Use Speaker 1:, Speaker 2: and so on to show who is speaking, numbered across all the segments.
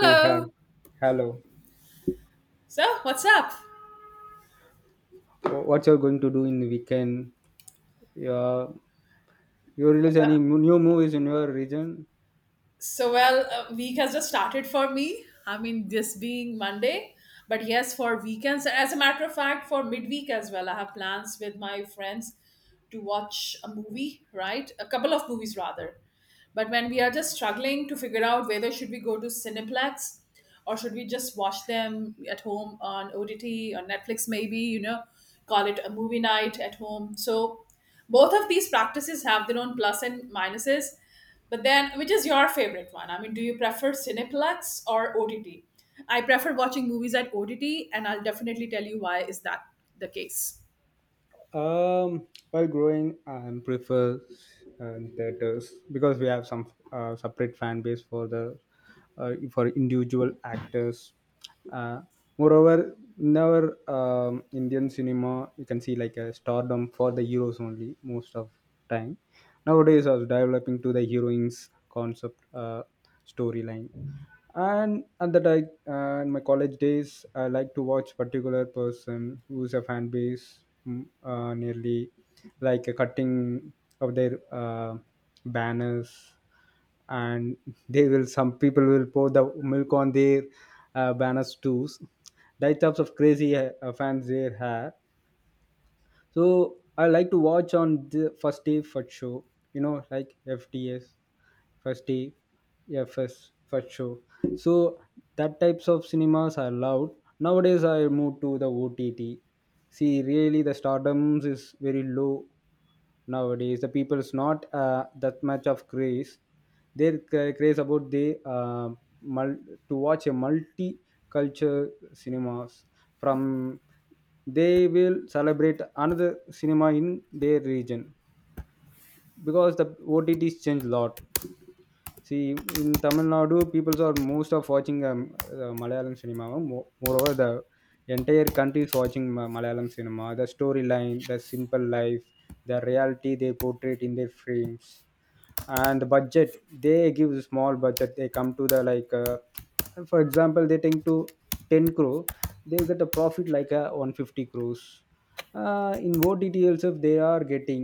Speaker 1: Hey, hi. Hello.
Speaker 2: So, what's up?
Speaker 1: What you're going to do in the weekend? Yeah, you release any new movies in your region?
Speaker 2: So, well, week has just started for me. I mean, this being Monday, but yes, for weekends. As a matter of fact, for midweek as well, I have plans with my friends to watch a movie, right? A couple of movies rather. But when we are just struggling to figure out whether should we go to Cineplex or should we just watch them at home on OTT or Netflix, maybe, call it a movie night at home. So both of these practices have their own plus and minuses, but then, which is your favorite one? I mean, do you prefer Cineplex or OTT? I prefer watching movies at OTT, and I'll definitely tell you why is that the case.
Speaker 1: While growing, I prefer theaters because we have some separate fan base for the for individual actors. Uh, Moreover, in our Indian cinema, you can see like a stardom for the heroes only most of time. Nowadays, I was developing to the heroines concept storyline and at the like in my college days I like to watch particular person who's a fan base nearly like a cutting of their banners and they will some people will pour the milk on their banners too, that types of crazy fans there have, so I like to watch on the first day for show, you know, like FTS, first day, yeah, first show. So that types of cinemas are loud. Nowadays I moved to the OTT. See really the stardoms is very low nowadays. The people's not that much of craze, their craze about they mul- to watch a multi-culture cinemas from, they will celebrate another cinema in their region because the OTTs change a lot. See, in Tamil Nadu, people are most of watching Malayalam cinema. Moreover, the entire country is watching Malayalam cinema. The storyline, the simple life, the reality they portray in their frames, and the budget, they give a small budget, they come to the like for example they think to 10 crore, they will get a profit like a 150 crores in OTT also. They are getting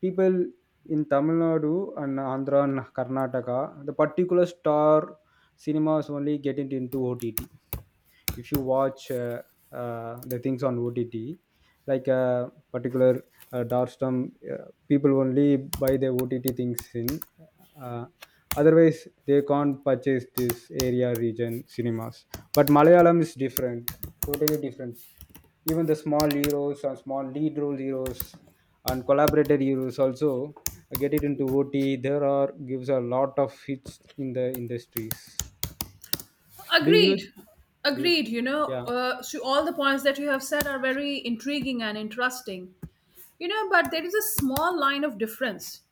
Speaker 1: people in Tamil Nadu and Andhra and Karnataka, the particular star cinemas only get it into OTT. If you watch the things on OTT, like a particular Darstam, people only buy their OTT things in. Uh, Otherwise, they can't purchase this area region cinemas. But Malayalam is different, totally different. Even the small heroes or small lead role heroes and collaborator heroes also get it into OT. There are gives a lot of hits in the industries. Do you?
Speaker 2: Agreed.
Speaker 1: Do you?
Speaker 2: Agreed. You know,
Speaker 1: Yeah.
Speaker 2: uh, so all the points that you have said are very intriguing and interesting. But there is a small line of difference.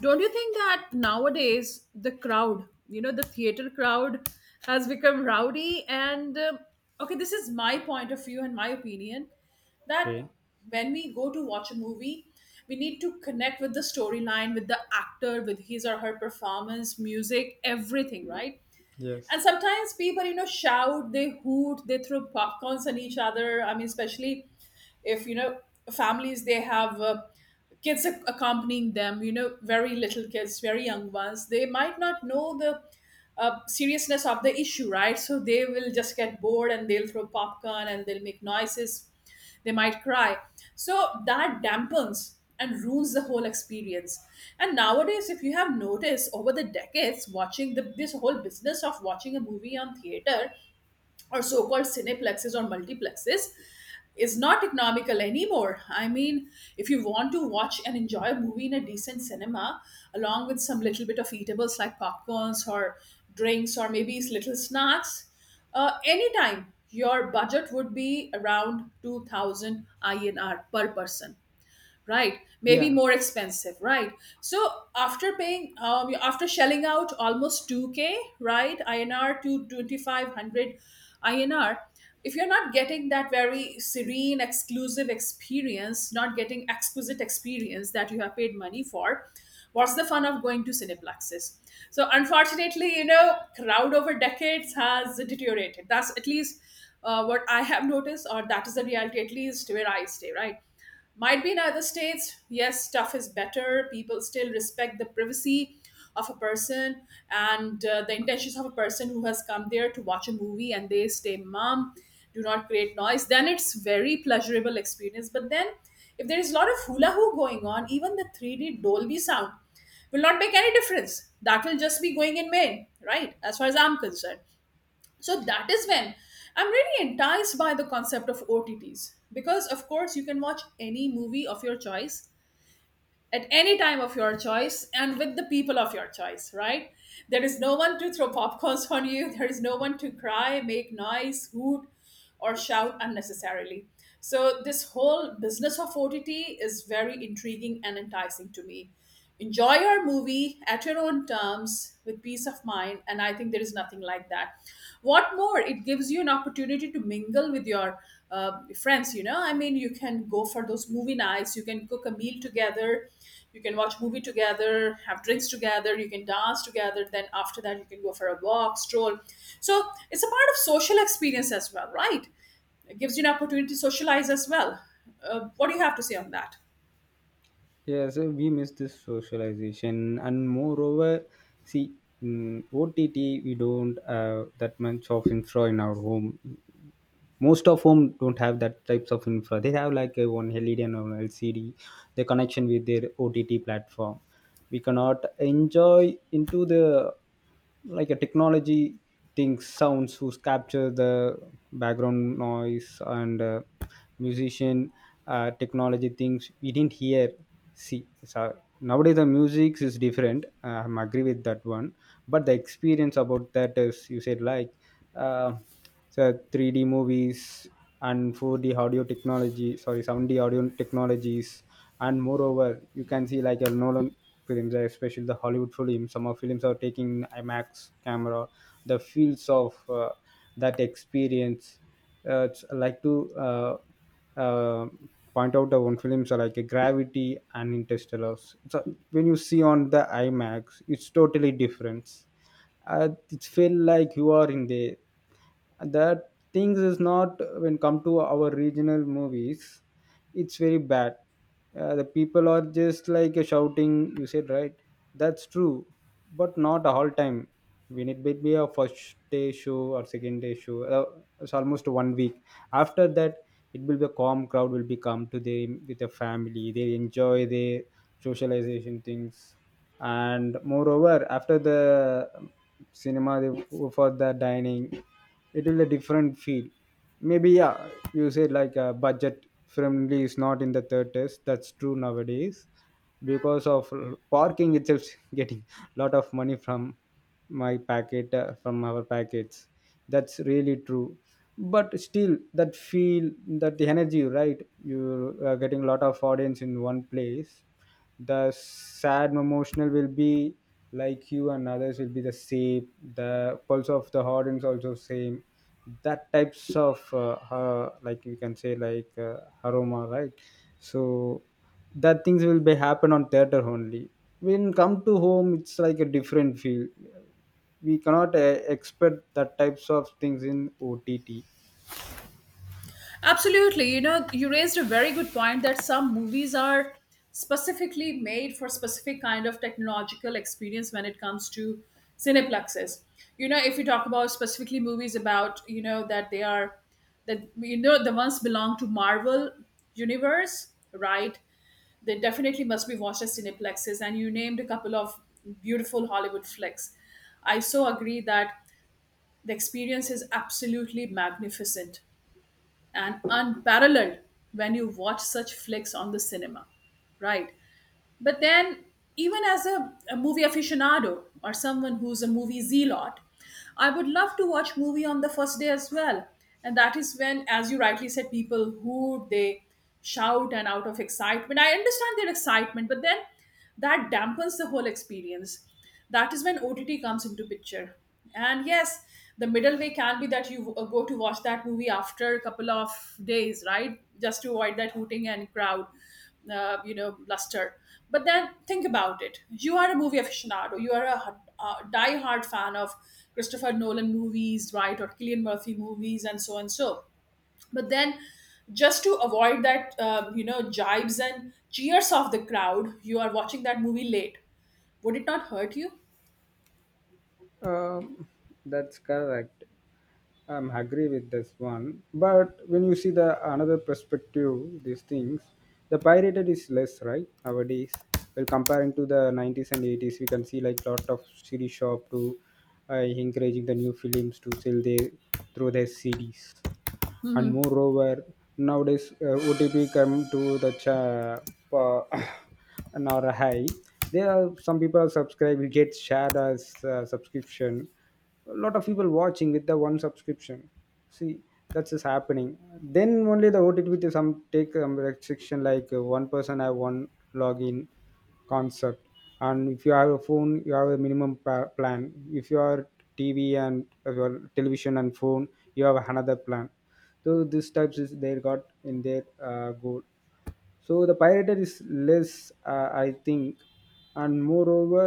Speaker 2: Don't you think that nowadays the crowd, the theater crowd has become rowdy? And okay, this is my point of view and my opinion that
Speaker 1: Okay.
Speaker 2: when we go to watch a movie, we need to connect with the storyline, with the actor, with his or her performance, music, everything, right? And
Speaker 1: Yes.
Speaker 2: sometimes people shout, they hoot, they throw popcorns at each other. I mean, especially if families, they have kids accompanying them, very little kids, very young ones. They might not know the seriousness of the issue, right? So they will just get bored and they'll throw popcorn and they'll make noises. They might cry, so that dampens and ruins the whole experience. And nowadays, if you have noticed over the decades, watching this whole business of watching a movie on theater or so-called cineplexes or multiplexes is not economical anymore. I mean, if you want to watch and enjoy a movie in a decent cinema, along with some little bit of eatables like popcorns or drinks or maybe little snacks, anytime your budget would be around 2,000 INR per person, right? Maybe
Speaker 1: Yeah.
Speaker 2: more expensive, right? So after paying, after shelling out almost 2K, right, INR to 2,500 INR, if you're not getting that very serene exclusive experience, not getting exquisite experience that you have paid money for, what's the fun of going to cineplexes? So unfortunately, crowd over decades has deteriorated. That's at least what I have noticed, or that is the reality at least where I stay, right? Might be in other states, yes, stuff is better. People still respect the privacy of a person, and the intentions of a person who has come there to watch a movie, and they stay mum, do not create noise. Then it's very pleasurable experience. But then if there is a lot of hula hoop going on, even the 3D Dolby sound will not make any difference. That will just be going in vain, right? As far as I'm concerned, so that is when I'm really enticed by the concept of OTTs because of course you can watch any movie of your choice at any time of your choice and with the people of your choice, right? There is no one to throw popcorns on you, there is no one to cry, make noise, hoot, or shout unnecessarily. So this whole business of OTT is very intriguing and enticing to me. Enjoy your movie at your own terms with peace of mind, and I think there is nothing like that. What more, it gives you an opportunity to mingle with your friends. I mean, you can go for those movie nights, you can cook a meal together, you can watch movie together, have drinks together, you can dance together, then after that you can go for a walk, stroll. So it's a part of social experience as well, right? It gives you an opportunity to socialize as well. What do you have to say on that?
Speaker 1: Yeah. So we miss this socialization, and moreover, see, in OTT we don't have that much of infra in our home. Most of whom don't have that types of infra. They have like a 1 LED and 1 LCD, the connection with their OTT platform. We cannot enjoy into the like a technology, things, sounds who capture the background noise and musician, technology things we didn't hear. See, so nowadays the music is different, I'm agree with that one, but the experience about that is you said like, uh, so 3D movies and 4D audio technology, sorry, 7D audio technologies, and moreover, you can see like a Nolan films, especially the Hollywood films. Some of films are taking IMAX camera. The feels of that experience. It's like to uh, point out the one films are like a Gravity and Interstellar. So when you see on the IMAX, it's totally different. It feel like you are in there. That things is not when come to our regional movies, it's very bad. The people are just like shouting, you said, right? That's true, but not all time. When it may be a first day show or second day show, it's almost 1 week. After that it will be a calm crowd, will be come to them with a family, they enjoy their socialization things. And moreover after the cinema they go for the dining, it will a different feel, maybe, yeah. You said like a budget friendly is not in the theaters, that's true nowadays, because of parking itself getting a lot of money from my packet, from our packets. That's really true. But still that feel, that the energy, right? You are getting a lot of audience in one place, the sad emotional will be like you and others will be the same, the pulse of the audience also same. That types of like you can say like aroma, right? So that things will be happen on theater only. When come to home it's like a different feel, we cannot expect that types of things in OTT.
Speaker 2: Absolutely. You raised a very good point that some movies are specifically made for specific kind of technological experience when it comes to cineplexes. If you talk about specifically movies about, that they are that you know the ones belong to Marvel universe, right? They definitely must be watched as cineplexes, and you named a couple of beautiful Hollywood flicks. I so agree that the experience is absolutely magnificent and unparalleled when you watch such flicks on the cinema, right? But then, even as a movie aficionado or someone who's a movie zealot, I would love to watch movie on the first day as well. And that is when, as you rightly said, people who they shout and out of excitement. I understand their excitement, but then that dampens the whole experience. That is when OTT comes into picture. And yes, the middle way can be that you go to watch that movie after a couple of days, right? Just to avoid that hooting and crowd luster, but then think about it, you are a movie aficionado, you are a die-hard fan of Christopher Nolan movies, right? Or Killian Murphy movies and so and so, but then just to avoid that jibes and cheers of the crowd, you are watching that movie late. Would it not hurt you?
Speaker 1: um, that's correct. I'm agree with this one, but when you see the another perspective, these things, the pirated is less, right, nowadays. Well, comparing to the 90s and 80s, we can see like lot of CD shop to encouraging the new films to sell their through their CDs. And moreover nowadays OTP come to the pa- an or high, there are some people are subscribed, it gets shared as subscription, a lot of people watching with the one subscription. See, that's just happening, then only the OTT to some take some restriction like one person have one login concept. And if you have a phone you have a minimum plan, if you are TV and your television and phone, you have another plan. So these types is they got in their goal. So the pirated is less, I think. And moreover,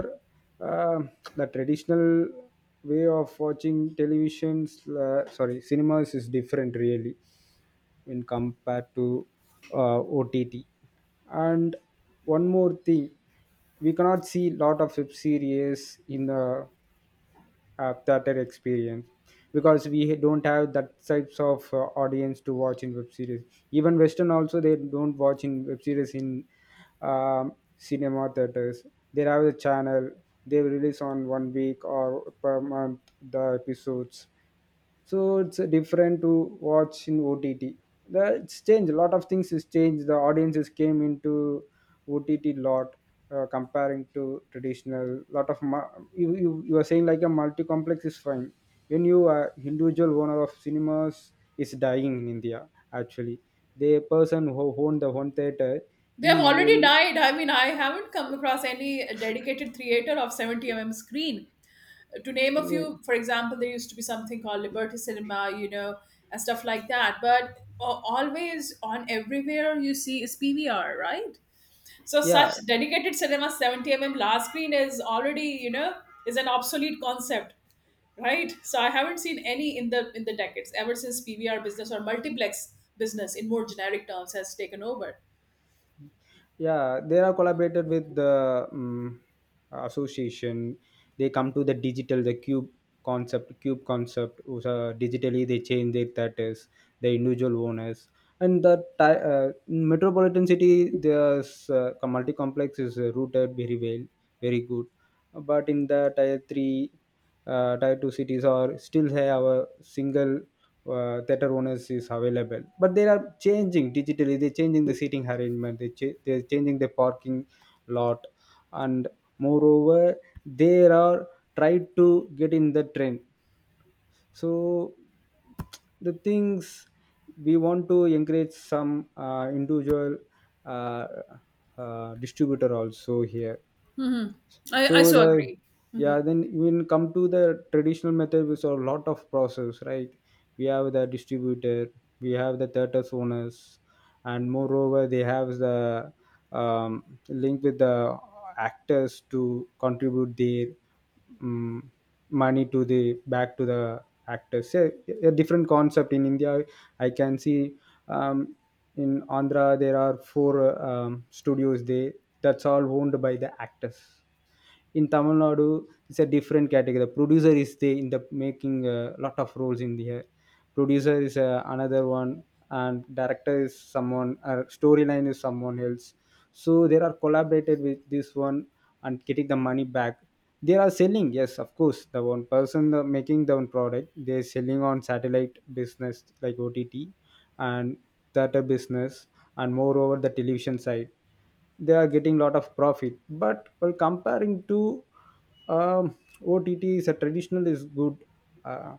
Speaker 1: uh, the traditional way of watching televisions, sorry, cinemas is different really when compared to OTT. And one more thing, we cannot see lot of web series in the theater experience, because we don't have that types of audience to watch in web series. Even western also they don't watch in web series in cinema theaters. They have a channel, they release on 1 week or per month the episodes. So it's different to watch in OTT. The it's changed, a lot of things is changed, the audiences came into OTT lot comparing to traditional. lot of mu- you are saying like a multi-complex is fine. When you are individual owner of cinemas is dying in india, actually the person who owned the one theater,
Speaker 2: They
Speaker 1: he
Speaker 2: have already
Speaker 1: will,
Speaker 2: died, I mean, I haven't come across any dedicated theater of 70 mm screen. To name a few, for example, there used to be something called Liberty Cinema, and stuff like that. But always on everywhere you see is PVR, right? So such
Speaker 1: yeah,
Speaker 2: dedicated cinema 70 mm large screen is already, is an obsolete concept, right? So I haven't seen any in the decades ever since PVR business or multiplex business in more generic terms has taken over.
Speaker 1: yeah, they are collaborated with the association. They come to the digital, the cube concept, cube concept was, so digitally they change their status, the individual owners. And the metropolitan city there's multi complex is rooted very well, very good. But in the tier 3, tier 2 cities or still have a single theater owners is available, but they are changing digitally, they're changing the seating arrangement, they're changing the parking lot. And moreover they are try to get in the trend. So the things, we want to encourage some individual uh, distributor also here.
Speaker 2: Hmm. I
Speaker 1: So
Speaker 2: so
Speaker 1: the,
Speaker 2: agree.
Speaker 1: yeah, then when come to the traditional method we saw a lot of process, right? We have the distributor, we have the theaters owners, and moreover they have the link with the actors to contribute their um, money to the back to the actors. So a different concept in india I can see. um, in andhra there are four studios, they that's all owned by the actors. In Tamil Nadu, it's a different category. The producer is the in the making a lot of roles in the producer is another one, and director is someone. Storyline is someone else. So they are collaborated with this one and getting the money back. They are selling, yes of course, the one person making the one product, they're selling on satellite business like OTT and theater business. And moreover the television side, they are getting lot of profit. But well comparing to um, OTT is a traditional is good. uh,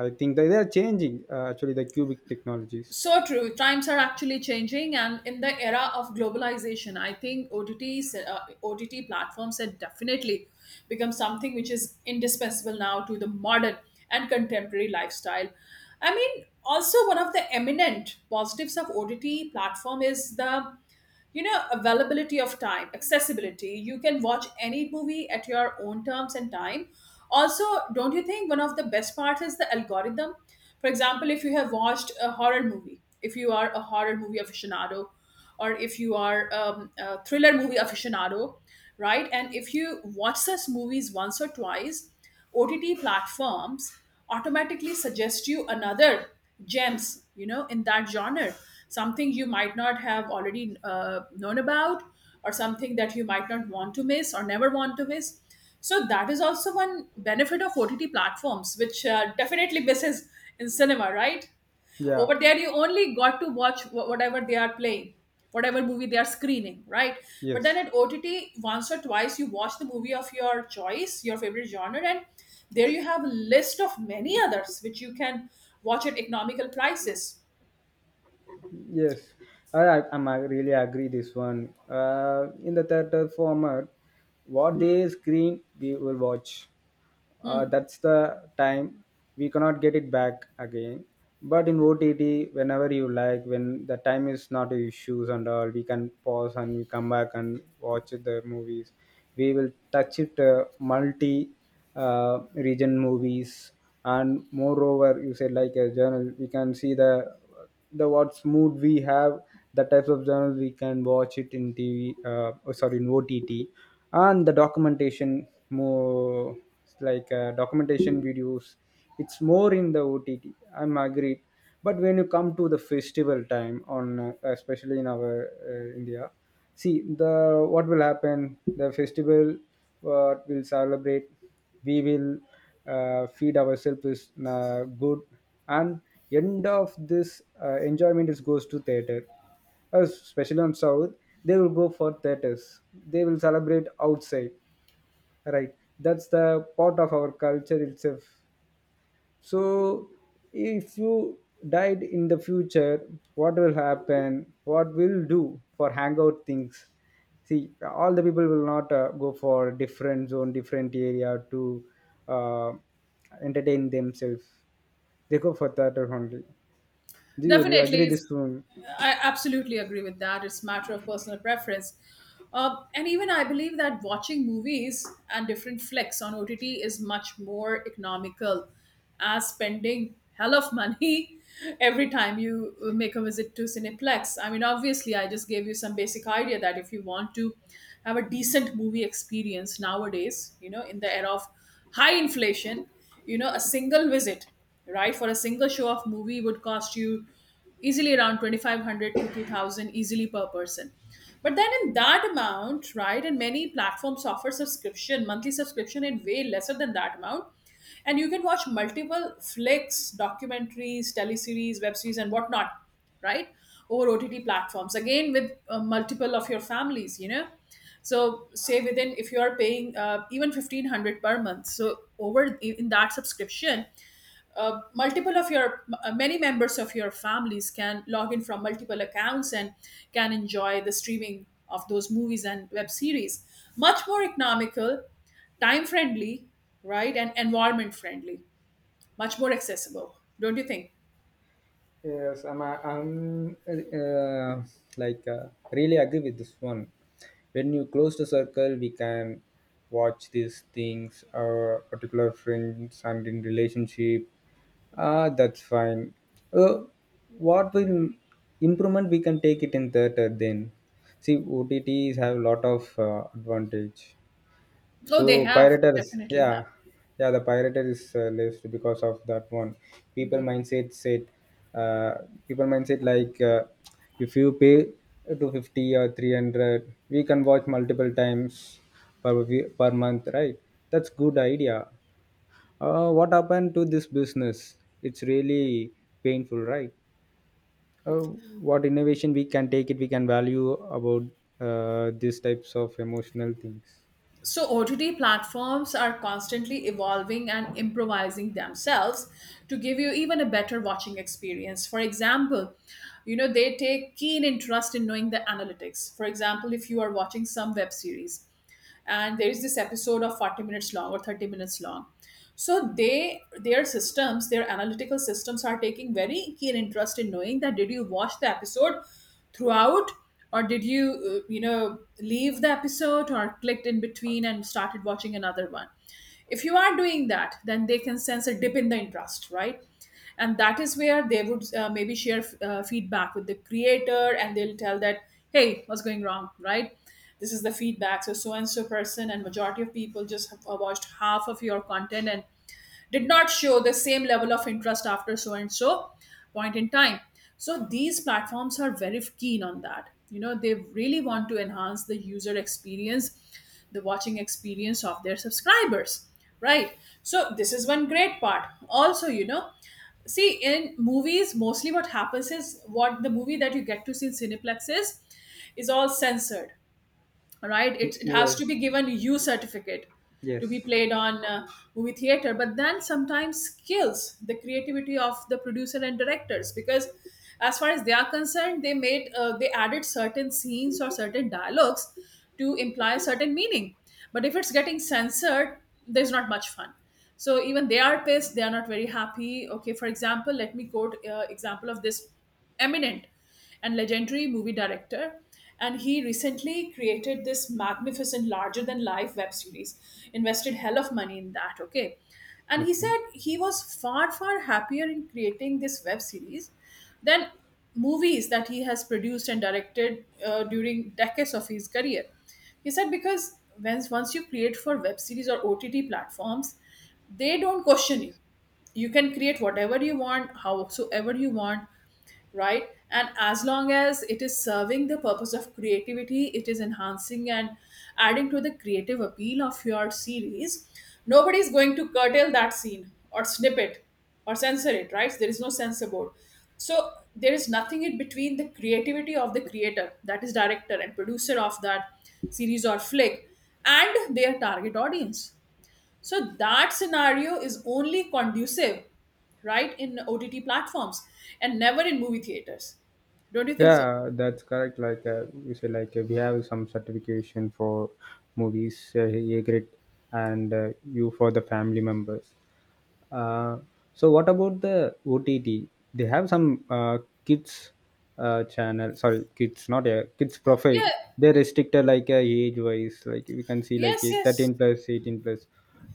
Speaker 1: I think they are changing, actually the cubic technologies,
Speaker 2: So true. Times are actually changing, and in the era of globalization, I think OTT platforms have definitely become something which is indispensable now to the modern and contemporary lifestyle. I mean, also one of the eminent positives of OTT platform is the availability of time accessibility. You can watch any movie at your own terms and time also. Don't you think one of the best parts is the algorithm? For example, if you have watched a horror movie, if you are a horror movie aficionado, or if you are a thriller movie aficionado, right? And if you watch such movies once or twice, OTT platforms automatically suggest you another gems, in that genre, something you might not have already known about, or something that you might not want to miss or never want to miss. So that is also one benefit of OTT platforms, which definitely misses in cinema, right?
Speaker 1: yeah,
Speaker 2: Over there you only got to watch whatever they are playing, whatever movie they are screening, right? But then
Speaker 1: yes.
Speaker 2: at OTT, once or twice you watch the movie of your choice, your favorite genre, and there you have a list of many others which you can watch at economical prices.
Speaker 1: Yes, I really agree this one. In the theater format, what they screen, we will watch.
Speaker 2: Hmm.
Speaker 1: That's the time we cannot get it back again. But in OTT, whenever you like, when the time is not issues and all, we can pause and we come back and watch the movies. We will touch it multi region movies. And moreover you said like a journal, we can see the what's mood we have, the types of journal we can watch it in TV, sorry, in OTT. And the documentation more, it's like documentation videos, it's more in the OTT, I'm agreed. But when you come to the festival time on especially in our india, see, the what will happen, the festival what will celebrate, we will feed ourselves with good, and end of this enjoyment is goes to theater. Especially on south they will go for theaters, they will celebrate outside, right? That's the part of our culture itself. So, if you died in the future, what will happen? What will do for hangout things? See, all the people will not go for different zone, different area to uh, entertain themselves. They go for theater only. Do you agree
Speaker 2: Definitely.
Speaker 1: this one?
Speaker 2: I absolutely agree with that. It's a matter of personal preference. And even I believe that watching movies and different flicks on OTT is much more economical as spending hell of money every time you make a visit to Cineplex. I mean, obviously, I just gave you some basic idea that if you want to have a decent movie experience nowadays, in the era of high inflation, a single visit, right, for a single show of movie would cost you easily around 2,500 to 2,000 easily per person. But then in that amount, right, and many platforms offer subscription, monthly subscription in way lesser than that amount, and you can watch multiple flicks, documentaries, teleseries, web series, and whatnot, right, over OTT platforms again with multiple of your families. So say within, if you are paying even 1,500 per month, so over in that subscription, multiple of your many members of your families can log in from multiple accounts and can enjoy the streaming of those movies and web series, much more economical, time friendly, right? And environment friendly, much more accessible, don't you think?
Speaker 1: Yes, I'm like uh, really agree with this one. When you close the circle, we can watch these things, particular friends and in relationship. Ah, that's fine. Uh, what will improvement we can take it in theater then? See, OTTs have a lot of advantage.
Speaker 2: Oh, they
Speaker 1: So
Speaker 2: have they
Speaker 1: pirates,
Speaker 2: definitely have.
Speaker 1: yeah, yeah, the pirate is list because of that one. People mindset said, uh, people mindset like if you pay 250 or 300, we can watch multiple times per month, right? That's good idea. What happened to this business? It's really painful, right? Uh, what innovation we can take it? We can value about these types of emotional things.
Speaker 2: So, OTT platforms are constantly evolving and improvising themselves to give you even a better watching experience. For example, they take keen interest in knowing the analytics. For example, if you are watching some web series and there is this episode of 40 minutes long or 30 minutes long. So they their systems, their analytical systems are taking very keen interest in knowing that did you watch the episode throughout, or did you you know leave the episode or clicked in between and started watching another one? If you are doing that, then they can sense a dip in the interest, right? And that is where they would maybe share feedback with the creator, and they'll tell that, hey, what's going wrong, right? This is the feedback, so so and so person, and majority of people just have watched half of your content and did not show the same level of interest after so and so point in time. So these platforms are very keen on that. You know, they really want to enhance the user experience, the watching experience of their subscribers, right? So this is one great part. Also, you know, see, in movies mostly what happens is what the movie that you get to see in cineplex is all censored, right? It has to
Speaker 1: Yes.
Speaker 2: be given, you certificate to be
Speaker 1: Yes.
Speaker 2: played on movie theater. But then sometimes skills the creativity of the producer and directors, because as far as they are concerned, they made they added certain scenes or certain dialogues to imply certain meaning. But if it's getting censored, there's not much fun, so even they are pissed, they are not very happy. Okay, for example, let me quote example of this eminent and legendary movie director. And he recently created this magnificent, larger than life web series, invested hell of money in that, okay? And he
Speaker 1: Okay.
Speaker 2: said he was far, far happier in creating this web series than movies that he has produced and directed during decades of his career. He said because once you create for web series or OTT platforms, they don't question you. You can create whatever you want, howsoever you want, right? And as long as it is serving the purpose of creativity, it is enhancing and adding to the creative appeal of your series, nobody is going to curtail that scene or snip it or censor it, right? There is no censor board, so there is nothing in between the creativity of the creator, that is director and producer of that series or flick, and their target audience. So that scenario is only conducive, right, in OTT platforms, and never in movie theaters. Don't you think so?
Speaker 1: Yeah, that's correct. You say, like we have some certification for movies, A grade, and you for the family members. Uh, so what about the OTT? They have some kids channel. Sorry, kids, not a kids profile.
Speaker 2: Yeah.
Speaker 1: They restricted like age wise. Like we can see like
Speaker 2: Yes,
Speaker 1: a
Speaker 2: yes.
Speaker 1: 13 plus, 18 plus.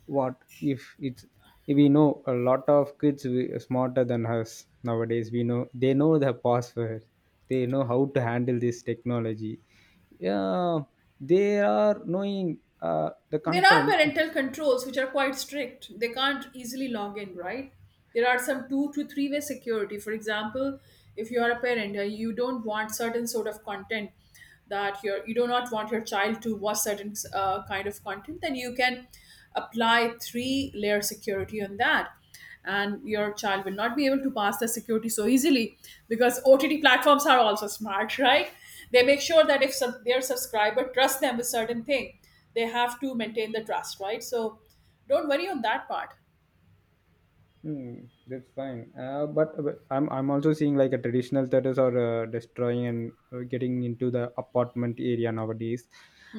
Speaker 1: What if it's if we know a lot of smarter than us nowadays. We know they know the password. They know how to handle this technology. Yeah, they are knowing the
Speaker 2: There are
Speaker 1: content.
Speaker 2: parental controls which are quite strict. They can't easily log in, right? There are some two to three way security. For example, if you are a parent and you don't want certain sort of content, that your you do not want your child to watch certain kind of content, then you can apply three layer security on that, and your child will not be able to pass the security so easily, because OTT platforms are also smart, right? They make sure that if their subscriber trusts them with certain thing, they have to maintain the trust, right? So don't worry on that part.
Speaker 1: Hmm, that's fine. But I'm also seeing like a traditional theaters are destroying and getting into the apartment area nowadays.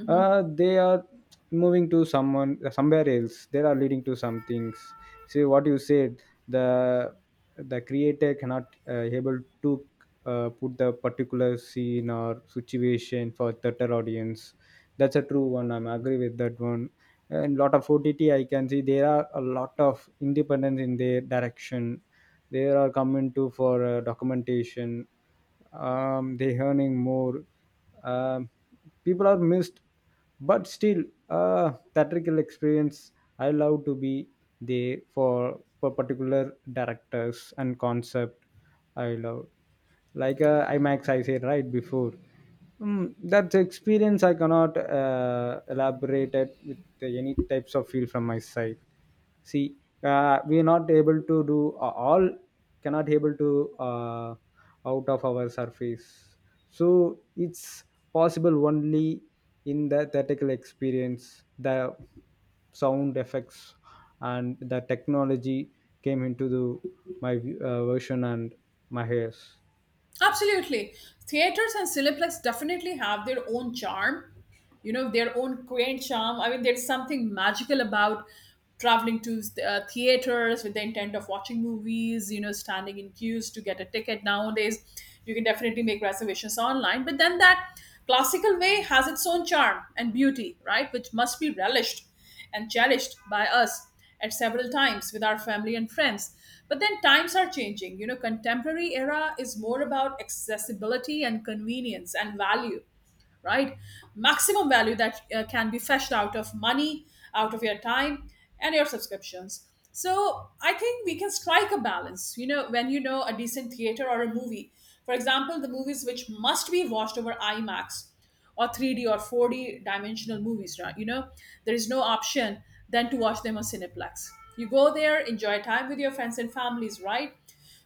Speaker 1: They are moving to someone somewhere else. They are leading to some things. See what you said. The creator cannot able to put the particular scene or situation for theater audience. That's a true one, I'm agree with that one. And lot of OTT I can see there are a lot of independence in their direction. They are coming to for documentation. They earning more. um, people are missed, but still theatrical experience, I love to be there for particular directors and concept. I love like IMAX I said right before. That experience I cannot elaborate it with any types of feel from my side. See, we are not able to do all, cannot able to out of our surface. So it's possible only in the theatrical experience, the sound effects and the technology came into the, my version and my hairs.
Speaker 2: Absolutely. Theaters and Cineplex definitely have their own charm, you know, their own quaint charm. I mean, there's something magical about traveling to theaters with the intent of watching movies, you know, standing in queues to get a ticket. Nowadays you can definitely make reservations online, but then that classical way has its own charm and beauty, right, which must be relished and cherished by us at several times with our family and friends. But then times are changing, you know, contemporary era is more about accessibility and convenience and value, right? Maximum value that can be fetched out of money, out of your time, and your subscriptions. So I think we can strike a balance, you know, when you know a decent theater or a movie. For example, the movies which must be watched over IMAX or 3D or 4D dimensional movies, right? You know, there is no option than to watch them on Cineplex. You go there, enjoy time with your friends and families, right?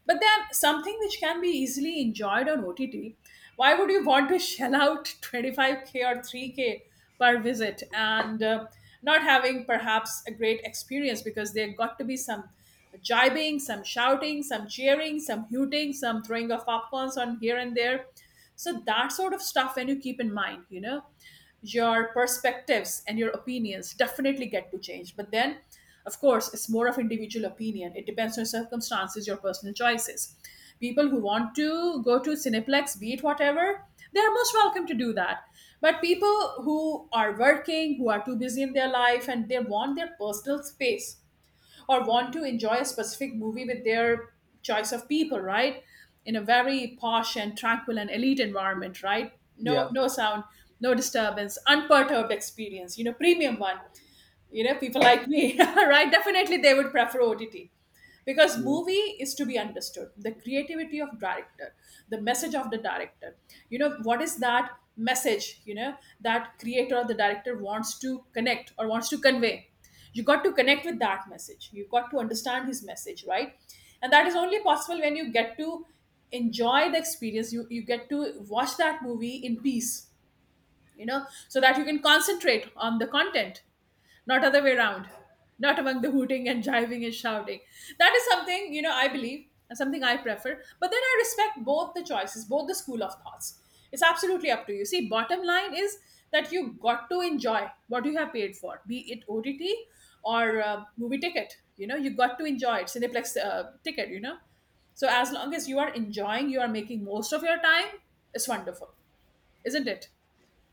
Speaker 2: But then something which can be easily enjoyed on OTT, why would you want to shell out 25k or 3k per visit and not having perhaps a great experience, because there got to be some jibing, some shouting, some cheering, some hooting, some throwing of popcorns on here and there. So that sort of stuff when you keep in mind, you know, your perspectives and your opinions definitely get to change. But then, of course, it's more of individual opinion. It depends on circumstances, your personal choices. People who want to go to Cineplex, be it whatever, they're most welcome to do that. But people who are working, who are too busy in their life, and they want their personal space, or want to enjoy a specific movie with their choice of people, right? In a very posh and tranquil and elite environment, right? No,
Speaker 1: Yeah.
Speaker 2: no sound, no disturbance, unperturbed experience. You know, premium one, you know, people like me, right, definitely they would prefer OTT, because
Speaker 1: Yeah.
Speaker 2: movie is to be understood, the creativity of director, the message of the director. You know, what is that message, you know, that creator or the director wants to connect or wants to convey? You got to connect with that message, you got to understand his message, right? And that is only possible when you get to enjoy the experience, you get to watch that movie in peace, you know, so that you can concentrate on the content, not other way around, not among the hooting and jiving and shouting. That is something, you know, I believe and something I prefer, but then I respect both the choices, both the school of thoughts. It's absolutely up to you. See, bottom line is that you got to enjoy what you have paid for, be it OTT or movie ticket, you know, you got to enjoy it, Cineplex ticket, you know. So as long as you are enjoying, you are making most of your time, it's wonderful, isn't it?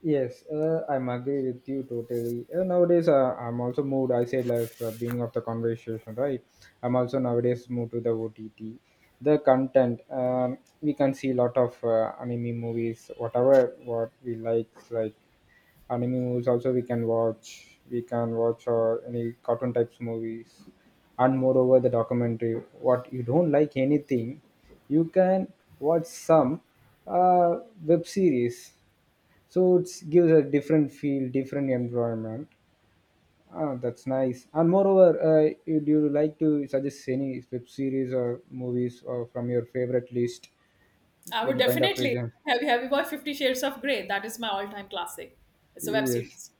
Speaker 1: Yes, I'm agree with you totally. Nowadays, I'm also moved. I said last beginning of the conversation, right? I'm also nowadays moved to the OTT. The content, we can see a lot of anime movies, whatever what we like anime movies. Also, we can watch. We can watch any cartoon types movies, and moreover the documentary. What you don't like anything, you can watch some uh, web series. So it gives a different feel, different environment. Ah, that's nice. And moreover, do you like to suggest any web series or movies or from your favorite list,
Speaker 2: I would
Speaker 1: any kind of
Speaker 2: definitely.
Speaker 1: region?
Speaker 2: Have you watched Fifty Shades of Grey? That is my all time classic. It's a web
Speaker 1: Yes.
Speaker 2: series.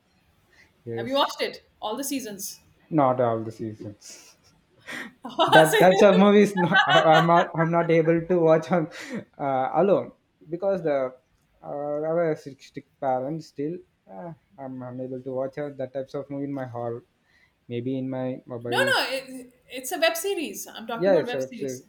Speaker 2: Have you watched
Speaker 1: Yes.
Speaker 2: it? All the seasons.
Speaker 1: Not all the seasons. That types
Speaker 2: No,
Speaker 1: of movies no, I, I'm not able to watch on alone because the our strict parents still uh, I'm unable to watch that types of movie in my hall, maybe in my
Speaker 2: no,
Speaker 1: mobiles.
Speaker 2: it's a web series. I'm talking
Speaker 1: Yeah,
Speaker 2: about
Speaker 1: it's a
Speaker 2: web
Speaker 1: web
Speaker 2: series.
Speaker 1: series.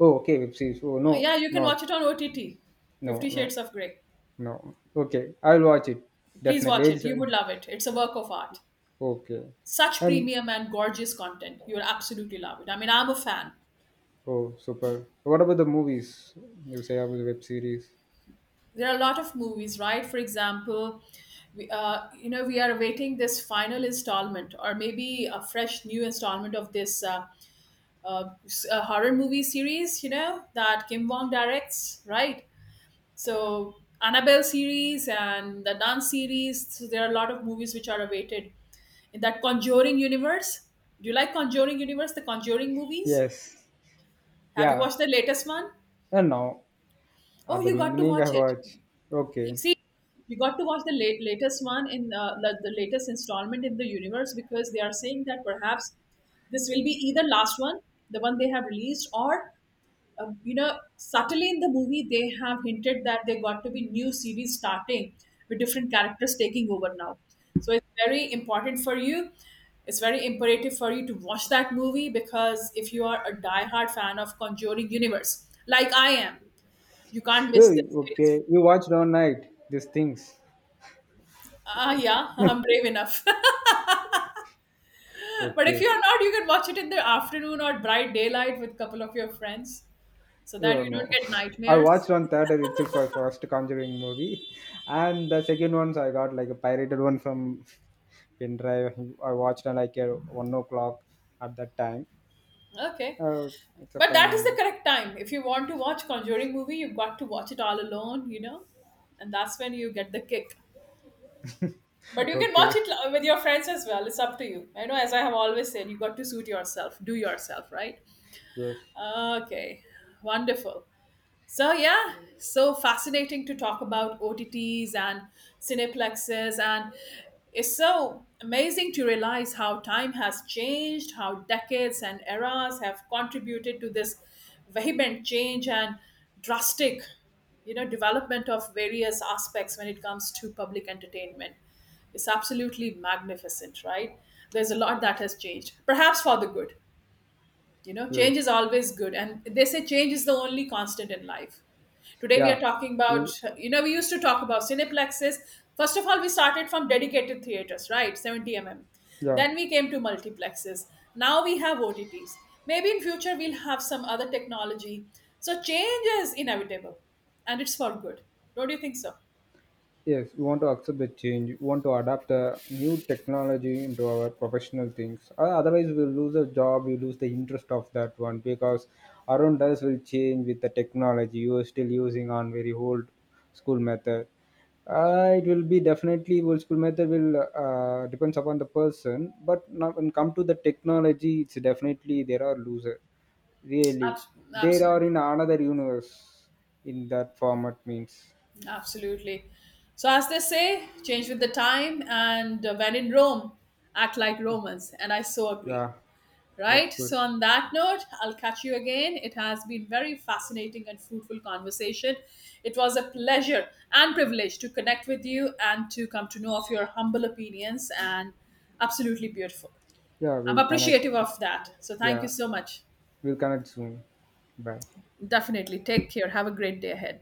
Speaker 1: Oh, okay, web series. Oh no,
Speaker 2: Yeah, you can
Speaker 1: no,
Speaker 2: watch it on OTT.
Speaker 1: no,
Speaker 2: Fifty
Speaker 1: no,
Speaker 2: Shades of Grey.
Speaker 1: no. Okay, I'll watch it
Speaker 2: Please
Speaker 1: definitely.
Speaker 2: watch it.
Speaker 1: It's
Speaker 2: You
Speaker 1: a,
Speaker 2: would love it. It's a work of art.
Speaker 1: okay,
Speaker 2: Such
Speaker 1: and
Speaker 2: premium and gorgeous content. You will absolutely love it. I mean, I'm a fan.
Speaker 1: oh, super. What about the movies? You say about the web series?
Speaker 2: There are a lot of movies, right? For example, we, you know, we are awaiting this final installment or maybe a fresh new installment of this horror movie series, you know, that Kim Wong directs, right? So Annabelle series and the Dance series, so there are a lot of movies which are awaited in that Conjuring universe. Do you like Conjuring universe, the Conjuring movies?
Speaker 1: Yes.
Speaker 2: Have you
Speaker 1: Yeah.
Speaker 2: watched the latest one?
Speaker 1: And now
Speaker 2: Oh,
Speaker 1: at the
Speaker 2: you got to
Speaker 1: beginning, I
Speaker 2: watch it,
Speaker 1: watch.
Speaker 2: you
Speaker 1: Okay.
Speaker 2: see, you got to watch the latest one in the latest installment in the universe, because they are saying that perhaps this will be either last one, the one they have released, or you know, subtly in the movie they have hinted that there got to be new series starting with different characters taking over now. So it's very important for you, it's very imperative for you to watch that movie, because if you are a diehard fan of Conjuring universe like I am, you can't miss
Speaker 1: Oh,
Speaker 2: this.
Speaker 1: okay. You watched on night these things.
Speaker 2: Ah, yeah, I'm brave enough. But if
Speaker 1: Okay.
Speaker 2: you are not, you can watch it in the afternoon or bright daylight with couple of your friends so that
Speaker 1: Oh
Speaker 2: you don't
Speaker 1: no.
Speaker 2: get
Speaker 1: I
Speaker 2: nightmares.
Speaker 1: watched on theater itself for first Conjuring movie, and the second ones I got like a pirated one from pin drive. I watched at like 1 o'clock at that time.
Speaker 2: Okay.
Speaker 1: Oh, it's a
Speaker 2: But
Speaker 1: fine
Speaker 2: that is the
Speaker 1: movie.
Speaker 2: correct time. If you want to watch Conjuring movie, you've got to watch it all alone, you know? And that's when you get the kick. But you can watch
Speaker 1: okay.
Speaker 2: it with your friends as well. It's up to you. I know, as I have always said, you got to suit yourself, do yourself, right?
Speaker 1: Yes.
Speaker 2: Okay. Wonderful. So yeah, so fascinating to talk about OTTs and cineplexes, and it's so amazing to realize how time has changed, how decades and eras have contributed to this vehement change and drastic, you know, development of various aspects when it comes to public entertainment. It's absolutely magnificent, right? There's a lot that has changed, perhaps for the good. You know,
Speaker 1: Yes.
Speaker 2: change is always good. And they say change is the only constant in life. Today we are
Speaker 1: Yeah.
Speaker 2: talking about,
Speaker 1: You.
Speaker 2: you know, we used to talk about cineplexes. First of all, we started from dedicated theaters, right? 70 mm.
Speaker 1: Yeah.
Speaker 2: Then we came to multiplexes. Now we have OTTs. Maybe in future we'll have some other technology. So change is inevitable and it's for good. Don't you think so?
Speaker 1: Yes, we want to accept the change. We want to adapt the new technology into our professional things. Otherwise, we'll lose a job. We lose the interest of that one because around us will change with the technology. You are still using on very old school method. It will be definitely old school method will depends upon the person. But now when come to the technology, it's definitely there are loser. Really,
Speaker 2: Abs-
Speaker 1: they are in
Speaker 2: Absolutely.
Speaker 1: another universe in that format means.
Speaker 2: Absolutely. So, as they say, change with the time, and when in Rome, act like Romans. And I so agree.
Speaker 1: Yeah, that's
Speaker 2: Right?
Speaker 1: good.
Speaker 2: So, on that note, I'll catch you again. It has been very fascinating and fruitful conversation. It was a pleasure and privilege to connect with you and to come to know of your humble opinions and absolutely beautiful.
Speaker 1: Yeah,
Speaker 2: I'm
Speaker 1: we'll connect.
Speaker 2: appreciative of that. So, thank you
Speaker 1: Yeah,
Speaker 2: so much.
Speaker 1: we'll connect soon. Bye.
Speaker 2: Definitely. Take care. Have a great day ahead.